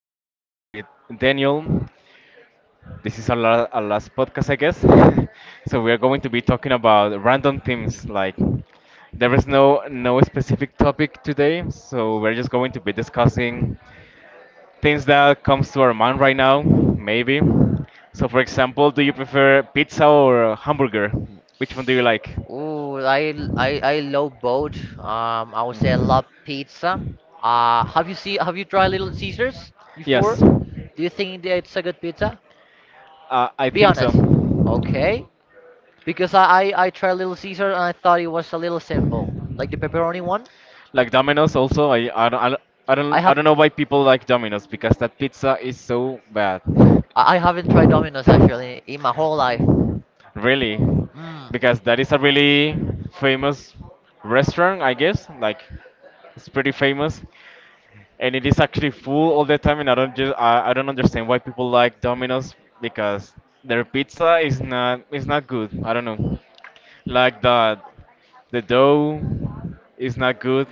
here today with Daniel. This is our last podcast, I guess. So we are going to be talking about random themes. Like there is no specific topic today, so we're just going to be discussing things that comes to our mind right now, maybe. So, for example, do you prefer pizza or hamburger? Which one do you like? Oh, I love both. I would say I love pizza. Have you tried Little Caesars before? Yes, Do you think that it's a good pizza? I Be think so. honest. Okay. Because I tried Little Caesar and I thought it was a little simple, like the pepperoni one. Like Domino's also, I don't I don't I I don't I have don't know why people like Domino's because that pizza is so bad. I haven't tried Domino's Mm. actually in my whole life. Really? Mm, Because that is a really famous restaurant, I guess. Like it's pretty famous, and it is actually full all the time. And I don't understand why people like Domino's because their pizza is not good. I don't know. Like the dough is not good.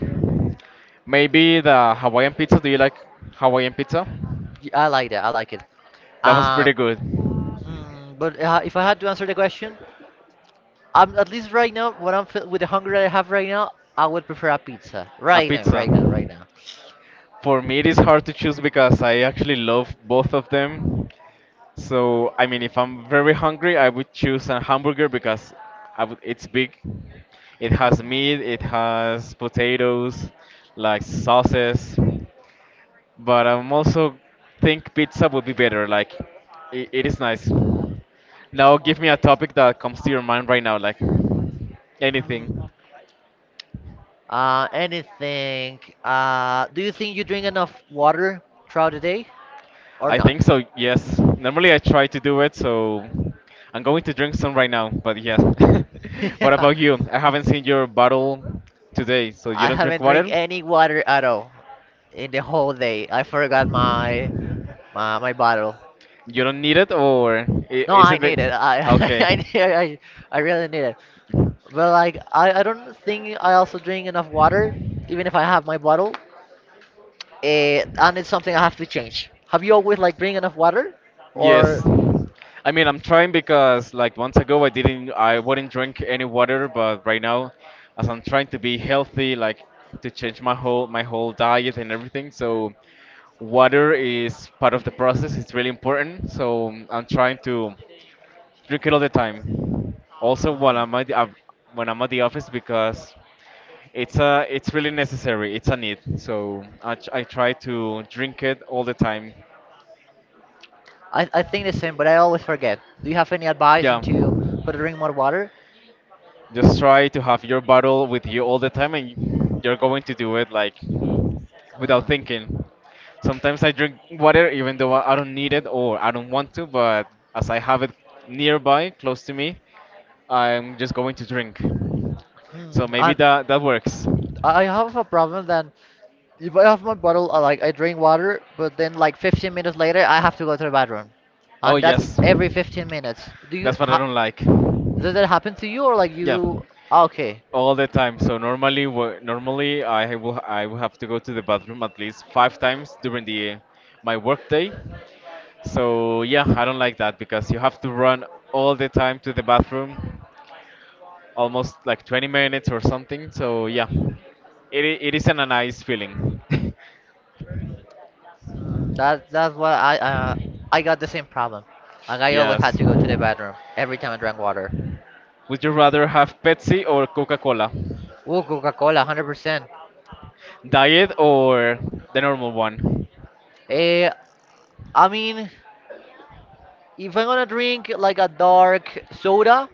Maybe the Hawaiian pizza. Do you like Hawaiian pizza? I like that. I like it. That one's Uh, pretty good. but if I had to answer the question, I'm at least right now. With the hunger that I have right now, I would prefer a pizza. A Right now, pizza. right now, right now. For me, it is hard to choose because I actually love both of them. So, I mean, if I'm very hungry, I would choose a hamburger because I would, it's big. It Mm. has meat, it has potatoes, like sauces. But I'm also think pizza would be better. Like, it is nice. Now give me a topic that comes to your mind right now, like Mm, anything. Anything. Do you think you drink enough water throughout the day, or I not? think so. Yes. Normally I try to do it, so I'm going to drink some right now. But yes. What Yeah. about you? I haven't seen your bottle today, so you I don't drink haven't drink water. any water at all in the whole day. I forgot my bottle. You don't need it, or No, is I it? Need it. I Okay. I, need- I I really need it. But I don't think I also drink enough water, even if I have my bottle. And it's something I have to change. Have you always like drink enough water, Yes. or? I mean, I'm trying because like months ago I wouldn't drink any water, but right now as I'm trying to be healthy, like to change my whole diet and everything, so water is part of the process. It's really important. So I'm trying to drink it all the time. Also when Mm. I'm at when I'm at the office because it's really necessary. It's a need. So I try to drink it all the time. I think the same, but I always forget. Do you have any advice Yeah. into how to drink more water? Just try to have your bottle with you all the time and you're going to do it like without Mm. thinking. Sometimes I drink water even though I don't need it or I don't want to, but as I have it nearby, close to me, I'm just going to drink. Hmm. So maybe And that works. I have a problem then. If I have my bottle, I drink water, but then like 15 minutes later, I have to go to the bathroom, Oh and that's yes. every 15 minutes. Do you That's what I ha don't like. does that happen to you or like Yeah, you? Okay. all the time. So normally I will have to go to the bathroom at least five times during the my work day. So yeah, I don't like that because you have to run all the time to the bathroom, almost like 20 minutes or something. So yeah, it isn't a nice feeling. That that's what I got the same problem. Like I always had Yes. to go to the bathroom every time I drank water. Would you rather have Pepsi or Coca-Cola? Ooh, Coca-Cola, 100%. Diet or the normal one? Eh, I mean. If I'm gonna drink like a dark soda,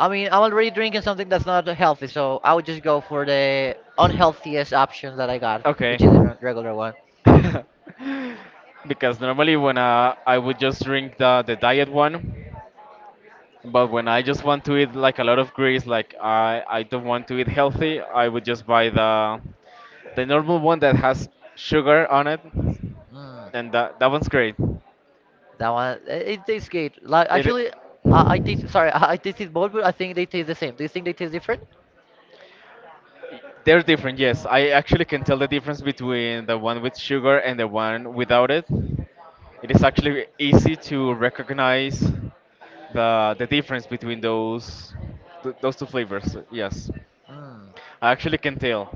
I mean, I'm already drinking something that's not healthy, so I would just go for the unhealthiest option that I got, Okay. which is the regular one. Because I would just drink the diet one, but when I just want to eat like a lot of grease, like I don't want to eat healthy, I would just buy the normal one that has sugar on it, Mm, and that one's great. that one, it tastes good. Like It actually, I taste. Sorry, I tasted both, but I think they taste the same. Do you think they taste different? They're different, yes. I actually can tell the difference between the one with sugar and the one without it. It is actually easy to recognize the difference between those two flavors. Yes, Mm, I actually can tell.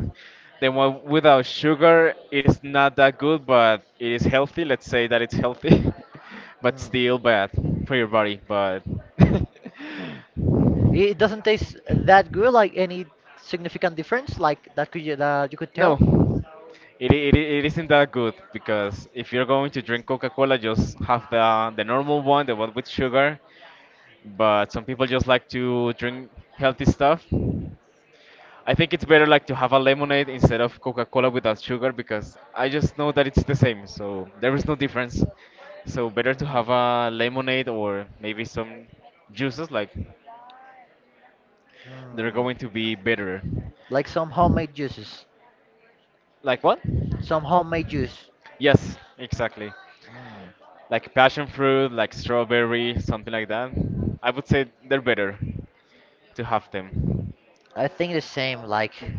The one without sugar, it is not that good, but it is healthy. Let's say that it's healthy, but mm. still bad for your body. But It it doesn't taste that good. Like any significant difference, like that you could no, tell. It isn't that good because if you're going to drink Coca-Cola, just have the normal one, the one with sugar. But some people just like to drink healthy stuff. I think it's better like to have a lemonade instead of Coca-Cola without sugar because I just know that it's the same, so there is no difference. So better to Mm, have a lemonade or maybe some juices like they're mm. going to be better. Like some homemade juices. Like what? Some homemade juice. Yes, exactly. Mm. Like passion fruit, like strawberry, something like that. I would say they're better to have them. I think the same. Like,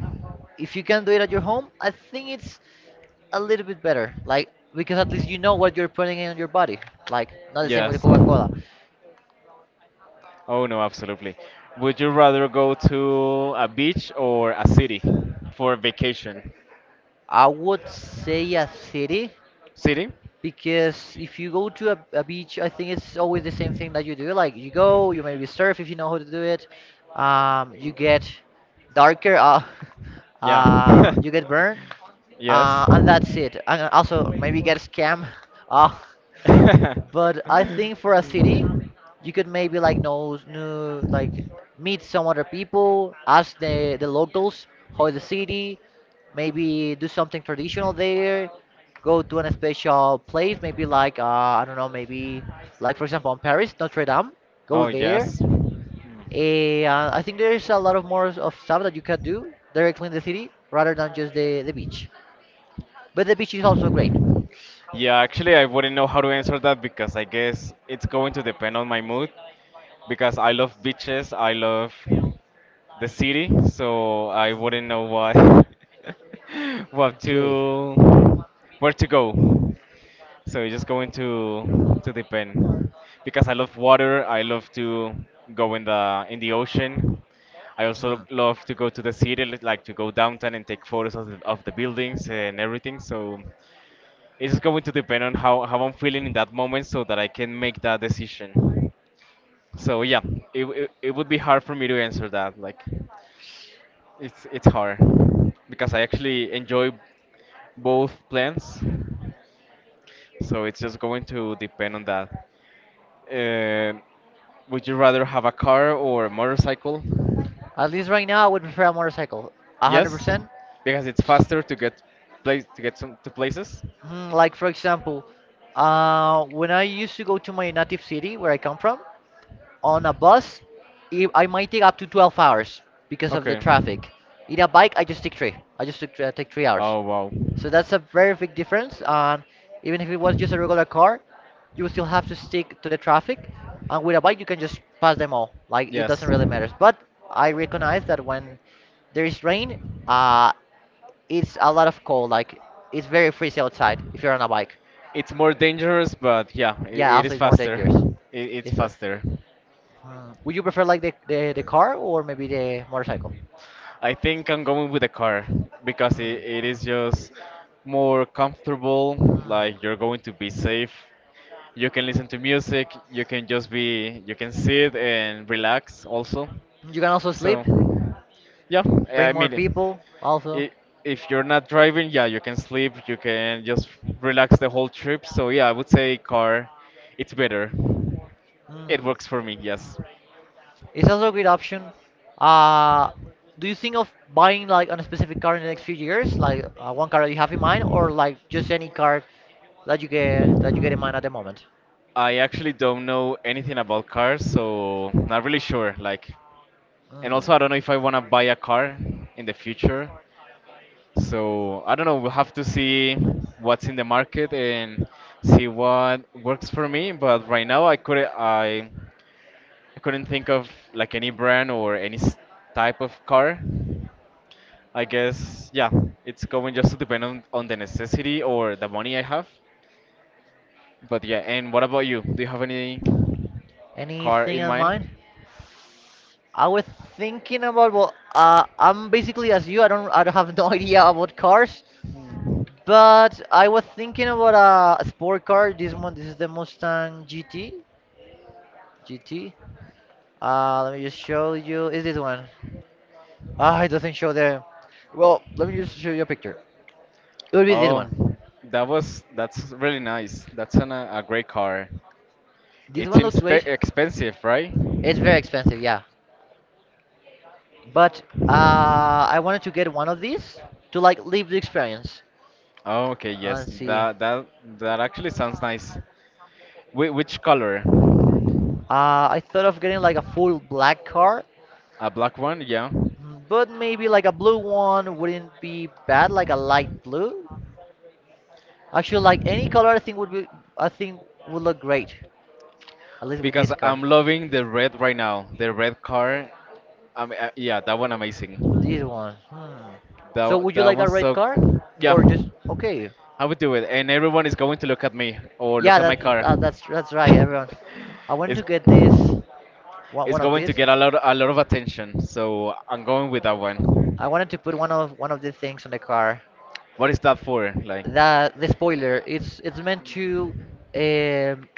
if you can do it at your home, I think it's a little bit better. Like, because at least you know what you're putting in your body. Like, not the same with Yes. Coca Cola. Oh no, absolutely. Would you rather go to a beach or a city for vacation? I would say a city. City? Because if you go to a beach, I think it's always the same thing that you do. Like you go, you maybe surf if you know how to do it. You get darker, Yeah. You get burned, Yes. And that's it. And also maybe get scammed. Uh, but I think for a city, you could maybe like know new like meet some other people, ask the locals how is the city, maybe do something traditional there, go to an special place, maybe like I don't know, maybe like for example in Paris, Notre Dame, go Oh, there. yes. And I think there's a lot of more of stuff that you can do directly in the city rather than just the beach. But the beach is also great. Yeah, actually, I wouldn't know how to answer that because I guess it's going to depend on my mood. Because I love beaches, I love the city, so I wouldn't know what what Okay. to where to go. So you just go into to the pen because I love water. I love to go in the ocean. I Hmm. also love to go to the city, like to go downtown and take photos of of the buildings and everything. So it's just going to depend on how I'm feeling in that moment so that I can make that decision. So yeah, it would be hard for me to answer that. Like it's hard because I actually enjoy both plans. So it's just going to depend on that. Uh, would you rather have a car or a motorcycle? At least right now, I would prefer a motorcycle. Yes, 100%. because it's faster to get place to get some to places. Like, for example, when I used to go to my native city where I come from, on a bus, I might take up to 12 hours because of the Okay. traffic. In a bike, I just take three. I take 3 hours. Oh wow. So that's a very big difference. And even if it was just a regular car, you would still have to stick to the traffic. And with a bike, you can just pass them all. Like, it doesn't Yes. really matter. But I recognize that when there is rain, uh, it's a lot of cold. Like it's very freezing outside if you're on a bike. It's more dangerous, but yeah, I Yeah, it is also it's more faster. dangerous. It's It's a, faster. Hmm. Would you prefer like the car or maybe the motorcycle? I think I'm going with the car because Hmm. it is just more comfortable. Hmm. Like you're going to be safe. You can listen to music. You can just be. You can sit and relax also. You can also sleep. So, yeah, Bring I more mean, people. Also, I if you're not driving, yeah, you can sleep. You can just relax the whole trip. So yeah, I would say car. It's better. It hmm. works for me, yes. It's also a great option. Uh, do you think of buying like on a specific car in the next few years, like one car that you have in mind, or like just any car that you get in mind at the moment? I actually don't know anything about cars, so not really sure. Like, and Hmm. also I don't know if I want to buy a car in the future. So I don't know. We'll have to see what's in the market and see what works for me. But right now, I couldn't think of like any brand or type of car. I guess yeah, it's going just to depend on the necessity or the money I have. But yeah, and what about you? Do you have any? Car Anything in in mind? mind? I was thinking about well, I'm basically as you. I don't have no idea about cars, Hmm. but I was thinking about a sport car. This one, this is the Mustang GT. GT. Let me just show you. Is this one? Ah, it doesn't show there. Well, let me just show you a picture. It would be this Oh, one. That's really nice. That's a great car. This It one seems looks spe great. expensive, right? It's very expensive, yeah. But I wanted to get one of these to like live the experience Oh, okay, and yes. see. That that actually sounds nice. Which color? I thought of getting like a full black car. A black one, yeah. But maybe like a blue one wouldn't be bad, like a light blue. Actually, like any color, I think would look great. At least with Because this car. I'm loving the red right now. The red car. I mean, yeah, that one amazing. This one. Hmm. So That would you that like a one's red so. car, Yeah, or just okay? I would do it, and everyone is going to look at me or look Yeah, at my car. That's right, everyone. I wanted It's. to get It's one of going to these. get a lot of attention, so I'm going with that one. I wanted to put one of these things on the car. What is that for? Like, That the spoiler. It's meant to um,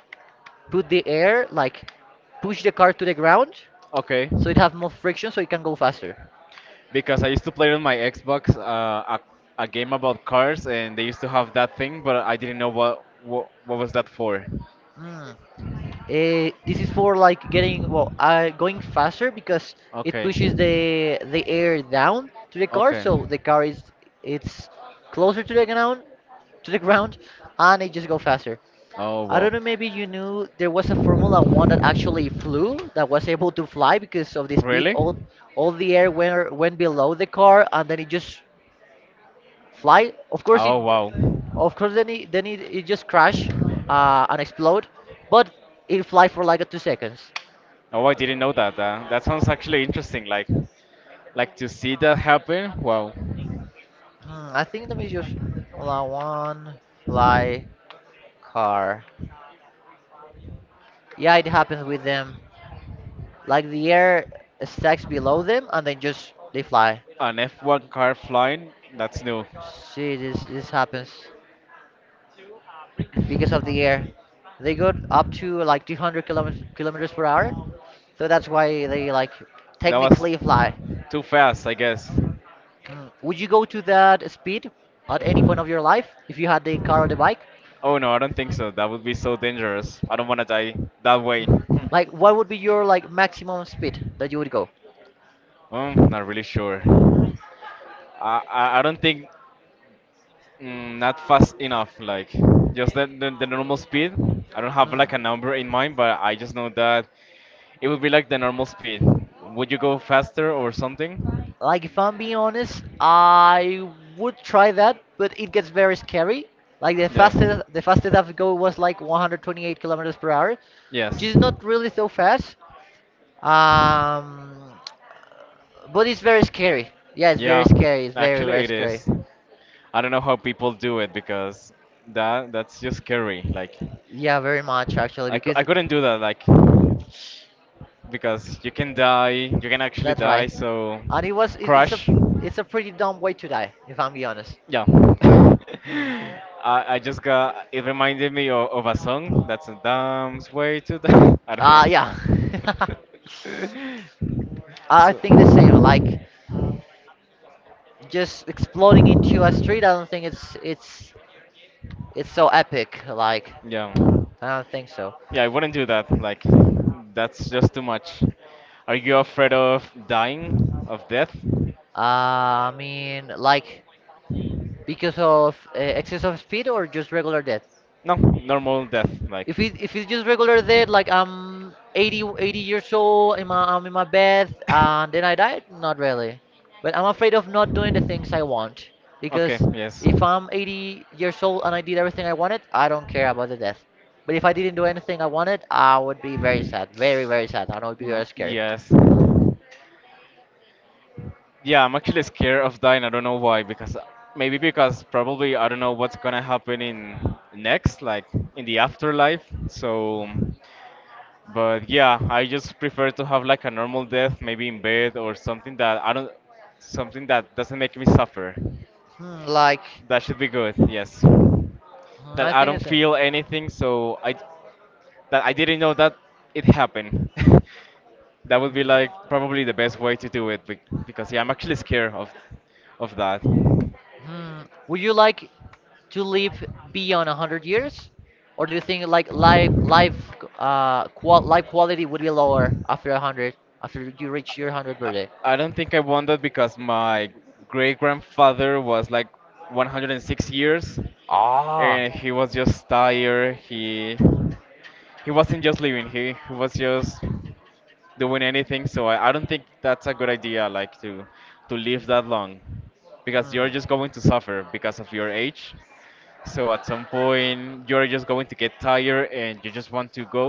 put the air like push the car to the ground. okay. So it has more friction, so it can go faster. Because I used to play on my Xbox a, a game about cars, and they used to have that thing, but I didn't know what was that for. Mm. This is for like going faster because it Okay. pushes the air down to the car, Okay. so the car is it's closer to the ground, to the ground, and it just go faster. Oh I well. don't know. Maybe you knew there was a Formula One that actually flew, that was able to fly because of the speed. Really? All the air went below the car, and then it just fly. Oh wow. Of course, it just crash and explode, but it fly for like a 2 seconds. Oh, I didn't know that. That sounds actually interesting. Like to see that happen. Wow. Hmm, I think let me just Formula One fly car. Yeah, it happens with them. Like the air stacks below them, and then just they fly. An F1 car flying. That's new. See, this happens because of the air. They go up to like 200 kilometers per hour, so that's why they like That was technically fly. too fast, I guess. Mm. Would you go to that speed at any point of your life if you had the car or the bike? Oh no, I don't think so. That would be so dangerous. I don't want to die that way. Mm. Hmm. Like, what would be your like maximum speed that you would go? Not really sure. I don't think mm, not fast enough. Like just the the normal speed. I don't have Mm. like a number in mind, but I just know that it would be like the normal speed. Would you go faster or something? Like, if I'm being honest, I would try that, but it gets very scary. Like Yeah. The fastest I've go was like 128 kilometers per hour, which Yes. is not really so fast. Um, But it's very scary. Yeah, it's very Yeah. scary. It's very, Actually, very it scary. is. I don't know how people do it because that's just scary. Like, Yeah, very much actually, because I couldn't do that. Like, because you can die. You can actually that's die. right. So, And it was it, it's a crash. Pretty dumb way to die, if I'm be honest. Yeah. Hmm. I just got it reminded me of a song that's a damn way to die. I don't Yeah. know. I think the same. Like so, just exploding into a street, I don't think it's so epic. Like yeah. I don't think so. Yeah, I wouldn't do that. Like that's just too much. Are you afraid of dying? Of death? I mean, like because of excess of speed or just regular death? No, normal death, If like it if it's just regular death, like I'm 80 80 years old, I'm in my bed, and then I died, not really. But I'm afraid of not doing the things I want, okay, because yes. if I'm 80 years old and I did everything I wanted, I don't care about the death. But if I didn't do anything I wanted, I would be very sad, very very sad, and I would be Y- very scared. yes. Yeah, I'm actually scared of dying. I don't know why. Because maybe because probably I don't know what's gonna happen in next, like in the afterlife. So, Hmm. but yeah, I just prefer to have like a normal death, maybe in bed or something that I don't, something that doesn't make me suffer. Hmm, like That should be good. Yes. That I I think don't the same. feel anything, so I that I didn't know that it happened. That would be like probably the best way to do it because yeah, I'm actually Hmm. scared of that. Hmm. Would you like to live beyond 100 years? Or do you think like life quality would be lower after 100, after you reach your 100th birthday? I, I don't think I won that because my great grandfather was like 106 years, Ah, and he was just tired. He wasn't just living. He was just doing anything. So I don't think that's a good idea, like to live that long, because Hmm. you're just going to suffer because of your age. So at some point, you're just going to get tired and you just want to go.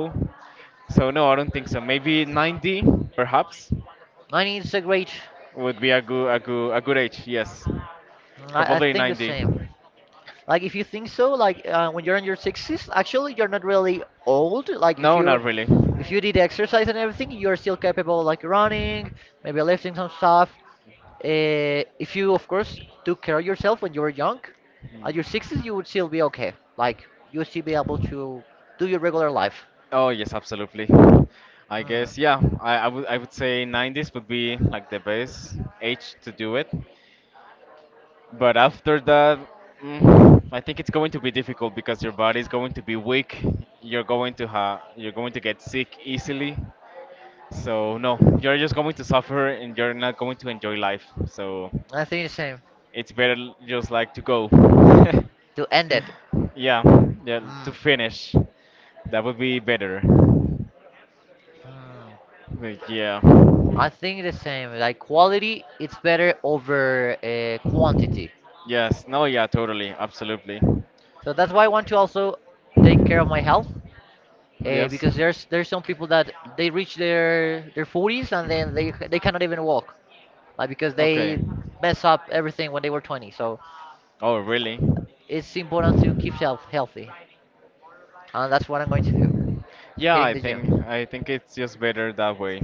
So no, I don't think so. Maybe 90, perhaps, 90 is a great. would be a good a good age. Yes, I probably think the 90. same. Like if you think so, like when you're in your 60s, actually you're not really old. Like No, not really. Hmm. if you did exercise and everything, you're still capable like running, maybe lifting some stuff. If you of course took care of yourself when you were young, at your 60s you would still be okay. Like you would still be able to do your regular life. Oh yes, absolutely. I Hmm. guess, yeah. I would say 90s would be like the best age to do it. But after that, I think it's going to be difficult because your body is going to be weak. You're going to get sick easily. So no, you're just going to suffer and you're not going to enjoy life. So I think the same. it's better just like to go. To end it. Yeah, yeah, to Hmm. finish. That would be better. Hmm. But yeah. I think the same. Like quality, it's better over quantity. Yes, no, yeah, totally, absolutely. So that's why I want to also take care of my health, Yes. because there's some people that they reach their 40s and then they cannot even walk, like because Okay. they mess up everything when they were 20. So Oh, really? it's important to keep health healthy, and that's what I'm going to do, Yeah, hitting the gym. I think it's just better that way.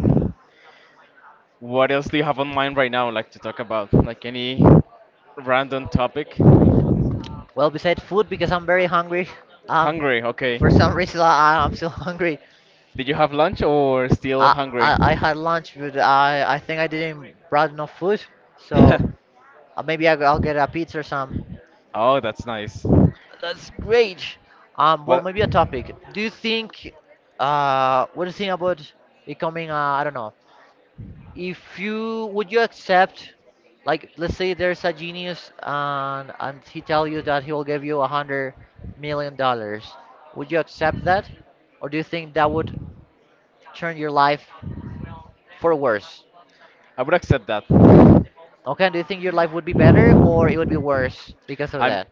What else do you have on mind right now, like to talk about? Like any random topic? Well, besides food, because I'm very hungry. Um, Hungry, okay. for some reason I'm still hungry. Did you have lunch or still I, hungry? I I had lunch, but I think I didn't brought enough food, so maybe I'll get a pizza or some. Oh, that's nice. That's great. Well, Well, maybe a topic. What do you think about becoming I don't know, if you would you accept, like, let's say there's a genius and he tell you that he will give you $100 million. Would you accept that, or do you think that would turn your life for worse? I would accept that. Okay, do you think your life would be better or it would be worse because of I'm that?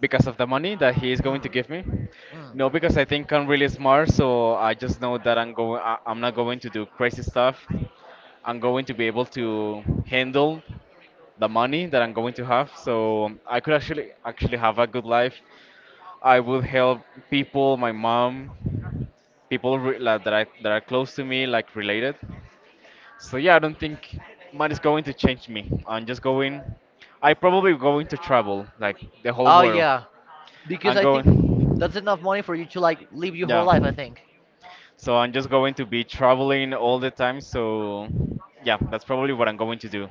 Because of the money that he is going to Mm. give me. Mm. No, because I think I'm really smart, so I just know that I'm going. I'm not going to do crazy stuff. I'm going to be able to handle the money that I'm going to have, so I could actually have a good life. I would help people, my mom, people like, that are close to me, like related. So yeah, I don't think money's going to change me. I'm just going. I probably going to travel like the whole Oh world. yeah, because I'm I think going. that's enough money for you to like live your whole Yeah. life. I think. So I'm just going to be traveling all the time. So yeah, that's probably what I'm going to do.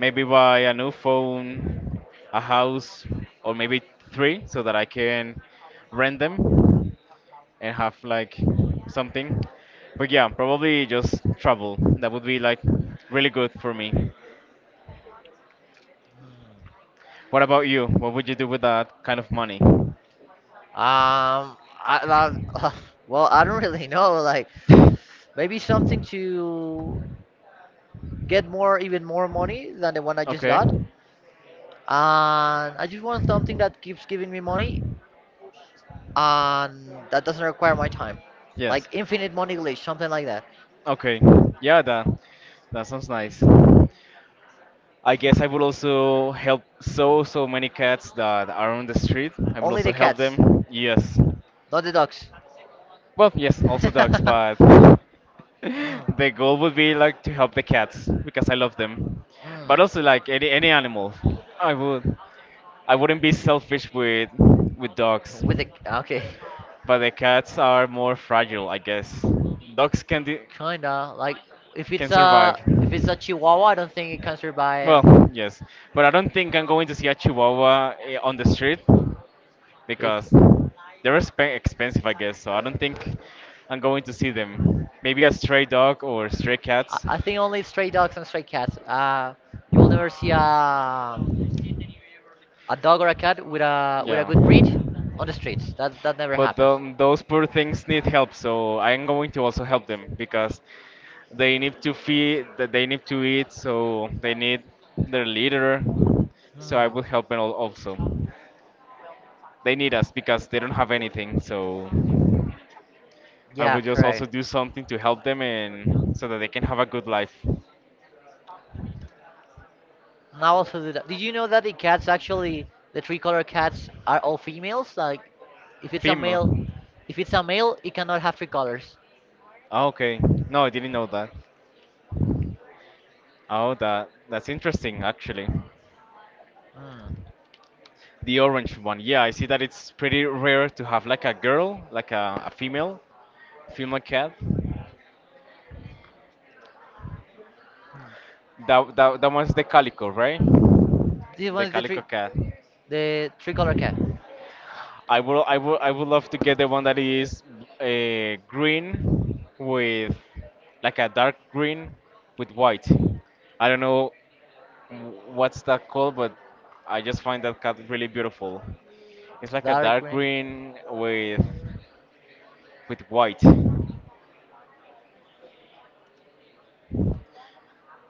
Maybe buy a new phone, a house, or maybe three so that I can rent them and have like something. But yeah, probably just travel. That would be like really good for me. What about you? What would you do with that kind of money? Um, I well, I don't really know. Like, maybe something to get more, even more money than the one I just Okay. got. And I just want something that keeps giving me money and that doesn't require my time, Yes. like infinite money glitch, something like that. Okay. Yeah, that sounds nice. I guess I would also help so many cats that are on the street. I would Only also the help cats. them. Yes. Not the dogs. Well, yes, also dogs, but the goal would be like to help the cats because I love them. But Mm, also like any animal. I would I wouldn't be selfish with mm. dogs. With the okay, But the cats are more fragile, I guess. Dogs can do. kinda like Can survive. if it's a Chihuahua, I don't think it comes here by Well, yes, but I don't think I'm going to see a Chihuahua, eh, on the street big. because they're expensive, I guess. So I don't think I'm going to see them. Maybe a stray dog or stray cats. I think only stray dogs and stray cats. You will never see a dog or a cat with a Yeah. good breed on the streets. That never But happens. Those poor things need help, so I'm going to also help them because they need to feed that they need to eat so they need their leader, so I Hmm. would help them also. They need us because they don't have anything, so I Yeah, would just also correct. do something to help them and so that they can have a good life. Now also do that. Did you know that the cats actually the three color cats are all females? Like if it's a Female. male if it's a male it cannot have three colors. Ah, okay, no, I didn't know that. Oh, that that's interesting actually. Hmm. The orange one. Yeah, I see that it's pretty rare to have like a girl, like a female, female cat. Hmm. That one's the calico, right? This The one is calico cat. the three color cat, I would love to get the one that is green with like a dark green with white. I don't know what's that called, but I just find that cat really beautiful. It's like a dark dark green. green with white.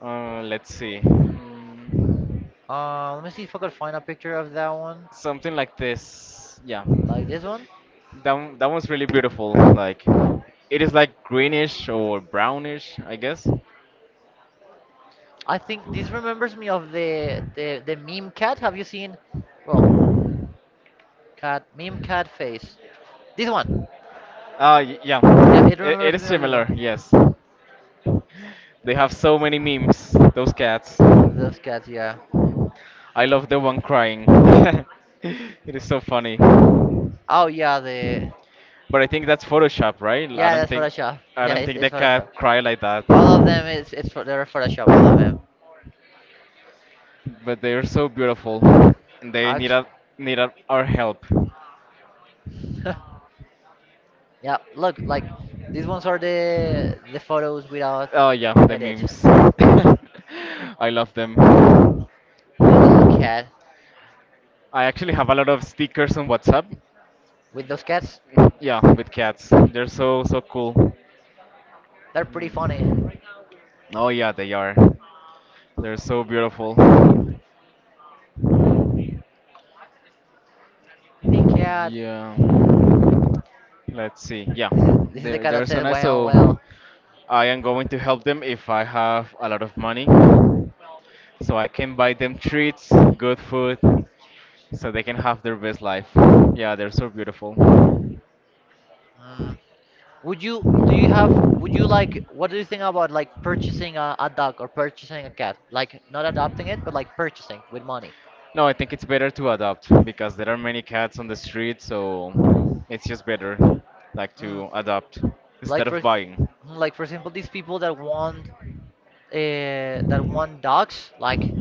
Let's see. Mm. Let me see if I could find a picture of that one, Something like this. Yeah. like this one. That one's really beautiful. Like, it is like greenish or brownish, I guess. I think this remembers me of the meme cat. Have you seen? Well, cat meme cat face. This one. Yeah. Yeah, it It remembers is me of this similar, one. yes. They have so many memes, those cats. Of those cats, yeah. I love the one crying. It is so funny. Oh yeah, the But I think that's Photoshop, right? Yeah, that's Photoshop. I Yeah, don't think the it's Photoshop. cat cry like that. All of them is it's they're Photoshop. All of them. But they are so beautiful. And they need Actually. Need a, our help. Yeah, look, like these ones are the photos without Oh yeah, the edit. memes. I love them. The little cat. I actually have a lot of stickers on WhatsApp. With those cats, Yeah, with cats. They're so so cool. they're pretty funny. Oh yeah, they are. They're so beautiful. The cat. Yeah. Let's see. Yeah, This is the cat that they're so says nice. well, So well. I am going to help them if I have a lot of money. So I can buy them treats, good food, so they can have their best life. Yeah, they're so beautiful. Mm. Would you do you have would you like what do you think about like purchasing a dog or purchasing a cat? Like not adopting it, but like purchasing with money. No, I think it's better to adopt because there are many cats on the street, so it's just better like Mm. to adopt Like instead for of buying. like for example, these people that want dogs, like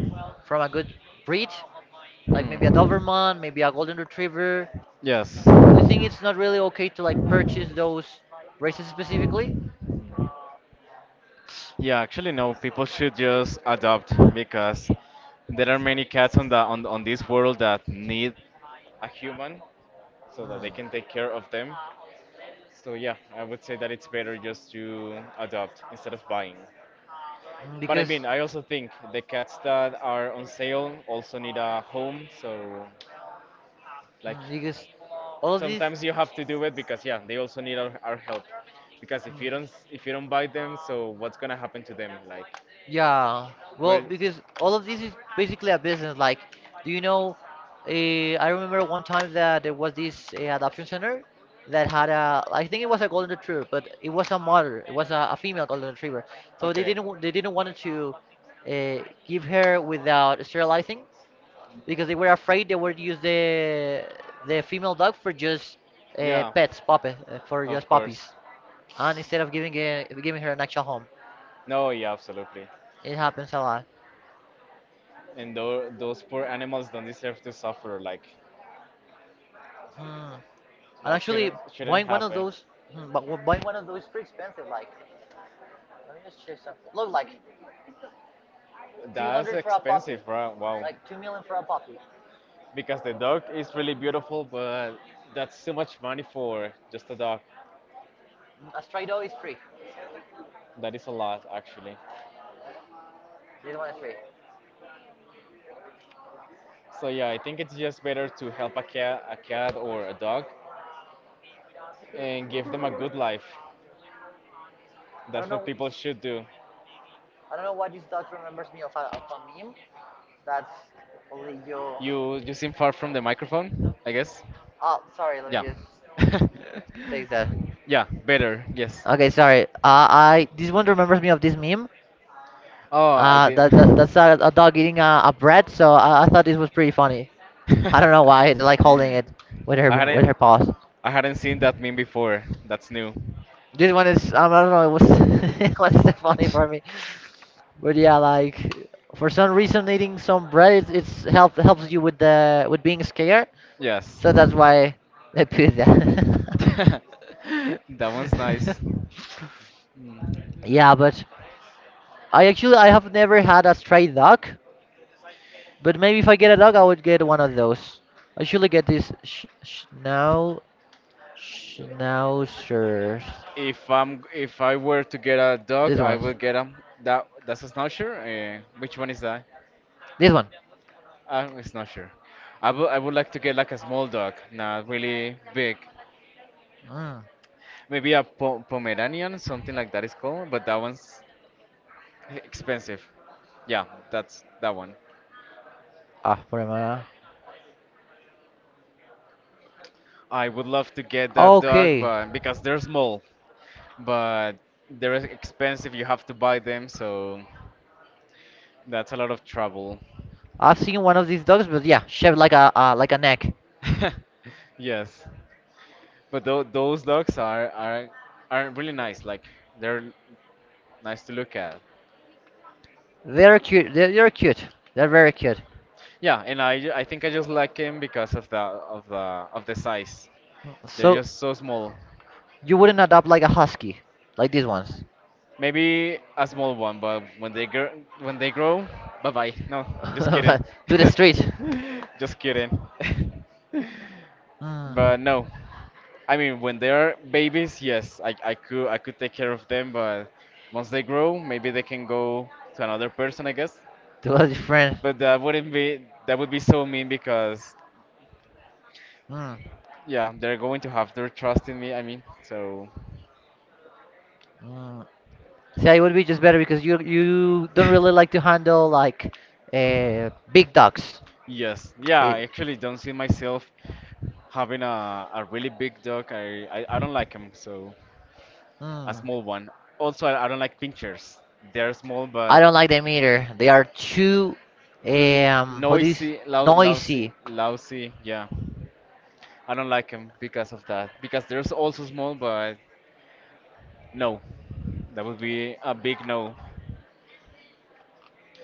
from a good breed, like maybe a Doberman, Hmm. maybe a Golden Retriever. Yes. Do you think it's not really okay to like purchase those races specifically? Yeah, actually, no. People should just adopt because there are many cats on the on this world that need a human so that they can take care of them. So yeah, I would say that it's better just to adopt instead of buying. But I mean, I also think the cats that are on sale also need a home. So like Mm, because all of these. sometimes you have to Mm. do it because yeah, they also need our help. Because if you don't buy them, so what's gonna happen to them? Like Yeah. Well, where because all of this is basically a business. Like, do you know? I remember one time that there was this adoption center that had a. I think it was a golden retriever, but it was a mother. It was a female golden retriever. Okay. They didn't want to uh, give her without sterilizing because they were afraid they would use the female dog for just Yeah, for of just puppies, course. and instead of giving giving her an actual home. No, yeah, absolutely. It happens a lot. And those poor animals don't deserve to suffer. Like Hmm. And that actually, shouldn't buying one of happen. those, buying one of those is pretty expensive. Like, let me just check something. Look, like That's 200 for a puppy, expensive, bro. Wow. like 2 million for a puppy. Because the dog is really beautiful, but that's too much money for just a dog. Mm, a stray dog is free. That is a lot, actually. This one is free. So yeah, I think it's just better to help a cat or a dog, and give them a good life. I That's don't know. what people should do. I don't know why this dot remembers me of of a meme. That's only you. You seem far from the microphone, I guess. Oh, sorry. Let Yeah. me just take that. Yeah, better. Yes. Okay, sorry. I this one remembers me of this meme. Oh, I did. That's a dog eating a bread. So I thought this was pretty funny. I don't know why. It's like holding it with her I hadn't paws. I hadn't seen that meme before. That's new. This one is I don't know. It was it was so funny for me, but yeah, like for some reason eating some bread it's helps you with the with being scared. Yes. So that's why they put that. That one's nice. Mm. yeah, but I actually I have never had a stray dog, but maybe if I get a dog, I would get one of those. I should get this schnauzers. If I were to get a dog, This I one. will get a that that's a schnauzer. Which one is that? This one. A schnauzer. I would like to get like a small dog, not really big. Mm. Maybe a po Pomeranian, something like that is called, but that one's expensive. Yeah, that's that one. After my... I would love to get that dog, Okay. but because they're small, but they're expensive, you have to buy them, so that's a lot of trouble. I've seen one of these dogs, but yeah, shaped like a neck. Yes, but those dogs are are really nice. Like they're nice to look at. They're cute. They're cute. They're very cute. Yeah, and I I think I just like him because of the of the size. They're So just so small. you wouldn't adopt like a husky, like these ones, Maybe a small one, but when they grow, bye bye. No, just kidding. but to the street. Just kidding. Hmm. But no, I mean when they are babies, yes, I could take care of them, but once they grow, maybe they can go to another person, I guess. To a different. But that wouldn't be that would be so mean because Hmm. yeah, they're going to have their trust in me, I mean, so Mm. See, it would be just better because you don't really like to handle like big dogs. yes, yeah, It, I actually don't see myself having a really big dog. I don't like them, so a mm. small one. Also, I don't like pinchers. They're small I but don't like them either. They are too l how do you, s- noisy, lousy, noisy. lousy. Yeah, I don't like them because of that. Because they're also small, but no, that would be a big no.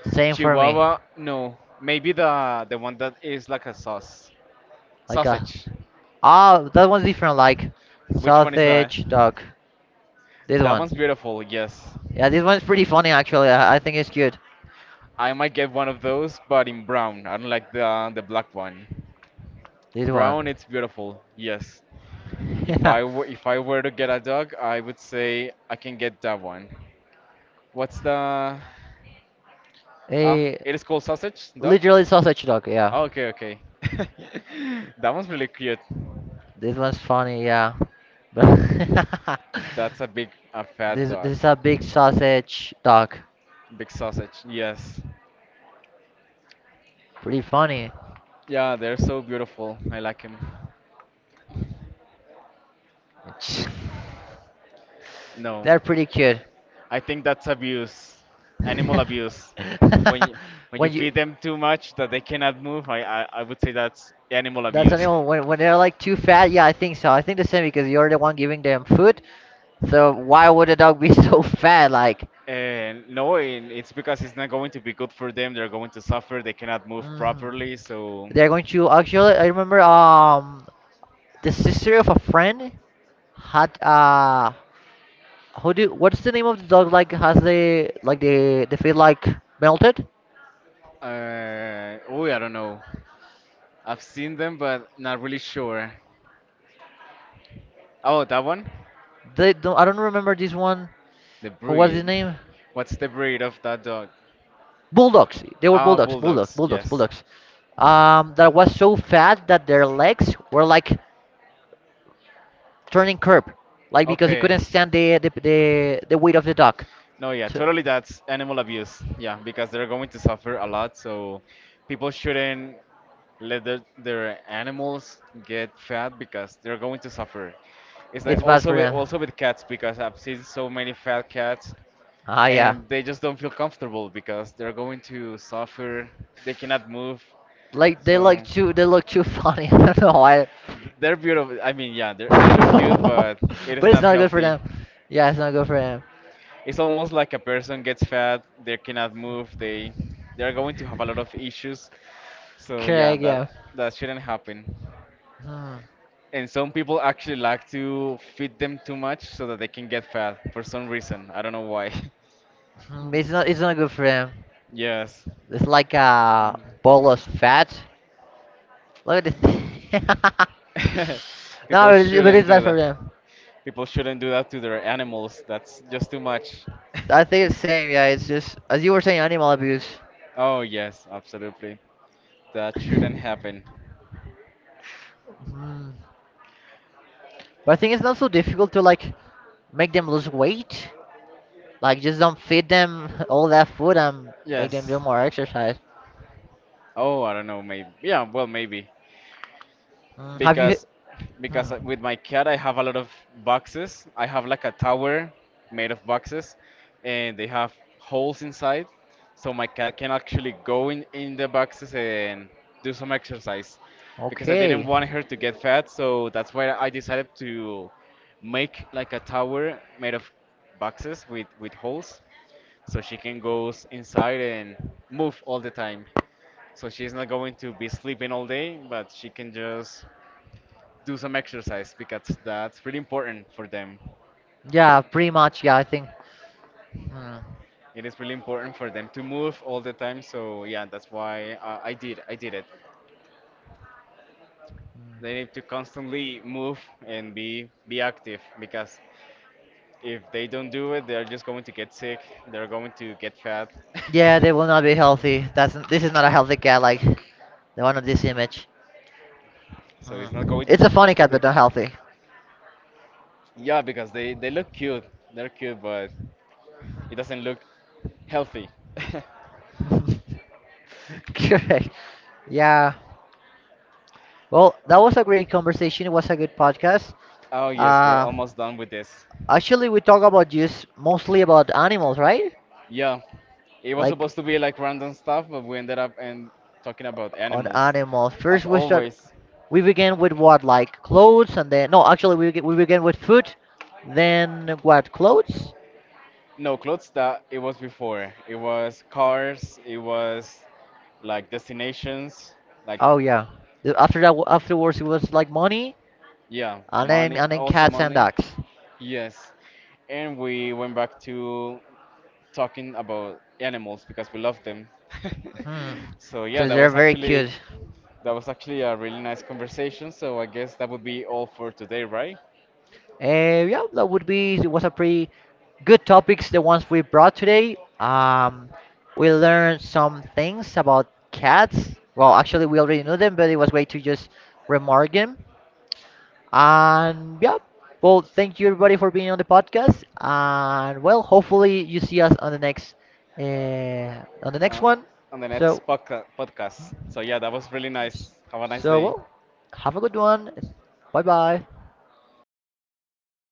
Same for me. Chihuahua, no. Maybe the one that is like a Like a sausage. ah that one's different. Like Which one is that? sausage dog. This That one. one's beautiful. Yes. Yeah, this one's pretty funny actually. I think it's cute. I might get one of those, but in brown. I don't like the black one. This Brown, one. it's beautiful. Yes. Yeah. If I were to get a dog, I would say I can get that one. What's the? Ah, Eh, it is called sausage dog. literally sausage dog, yeah. Oh, okay, okay. That one's really cute. This one's funny, yeah. But That's a big, a fat dog. this is a big sausage dog. Big sausage. Yes. Pretty funny. Yeah, they're so beautiful. I like him. It's- No. They're pretty cute. I think that's abuse, animal abuse. When you, when you when you feed them too much that they cannot move, I would say that's animal that's the abuse. only when they're like too fat, yeah, I think so. I think the same because you're the one giving them food. So why would a dog be so fat? Like, And no, and it's because it's not going to be good for them. They're going to suffer. They cannot move mhm. properly. So, They're going to actually. I remember the sister of a friend had who do what's the name of the dog like has the like the feet like melted. Oh, I don't know. I've seen them, but not really sure. Oh, that one? They don't, I don't remember this one. The Who was his breed. name? What's the breed of that dog? Bulldogs. They were Ah, bulldogs. Yes. bulldogs. That was so fat that their legs were like turning curb, like because he Okay. couldn't stand the, the weight of the dog. No, yeah, So totally. That's animal abuse. Yeah, because they're going to suffer a lot. So people shouldn't let their animals get fat because they're going to suffer. It's like it's bad for them. also with cats because I've seen so many fat cats, Ah, yeah. and they just don't feel comfortable because they're going to suffer. They cannot move. Like they look So too funny. I don't know why. They're beautiful. I mean, yeah, they're, they look cute, but it is but it's not not good for healthy. them. Yeah, it's not good for them. It's almost like a person gets fat, they cannot move, they're going to have a lot of issues. So yeah, Correct. that Yeah. Shouldn't happen. Hmm. And some people actually like to feed them too much so that they can get fat for some reason. I don't know why. Hmm, It's not good for them. Yes. It's like a ball of fat. Look at this. no, People but shouldn't it's do bad for that. them. People shouldn't do that to their animals. That's just too much. I think it's same. Yeah, it's just as you were saying, animal abuse. Oh, yes, absolutely. That shouldn't Hmm. happen. But I think it's not so difficult to like make them lose weight. Like just don't feed them all that food and make them Yes. do more exercise. Oh, I don't know, maybe. Yeah, well, maybe. Mm, have you? because Hmm. because with my cat I have a lot of boxes. I have like a tower made of boxes, and they have holes inside, so my cat can actually go in the boxes and do some exercise. Because I didn't Okay. want her to get fat, so that's why I decided to make like a tower made of boxes with holes, so she can go inside and move all the time. So she's not going to be sleeping all day, but she can just do some exercise because that's really important for them. Yeah, pretty much. Yeah, I think. Hmm. It is really important for them to move all the time. So yeah, that's why I did. I did it. They need to constantly move and be active because if they don't do it, they're just going to get sick. They're going to get fat. Yeah, they will not be healthy. That's this is not a healthy cat like the one on this image. So it's not Hmm. going to. It's a funny cat, but not healthy. Yeah, because they look cute. They're cute, but it doesn't look healthy. Correct. Yeah. Well, that was a great conversation. It was a good podcast. Oh yes, we're Uh, almost done with this. actually, we talk about just mostly about animals, right? Yeah, it was Like supposed to be like random stuff, but we ended up and talking about on animals. animals. As First, we start. always, We began with what, like clothes, and then no, actually, we began with food, then what, clothes? no clothes, that it was before. It was cars, it was like destinations, like Oh yeah. After that, afterwards, it was like money, yeah, money, and then also cats and money. dogs. Yes. And we went back to talking about animals because we love them. Hmm. So yeah, Because they're very cute. that was actually a really nice conversation. So I guess that would be all for today, right? Yeah, that would be. It was a pretty good topics. The ones we brought today. We learned some things about cats. Well, actually, we already knew them, but it was way to just remark them. And yeah. Well, thank you everybody for being on the podcast. And well, hopefully you see us on the Uh, next one. on the So next podcast. So yeah, that was really nice. Have a nice day. well, have a good one. Bye bye.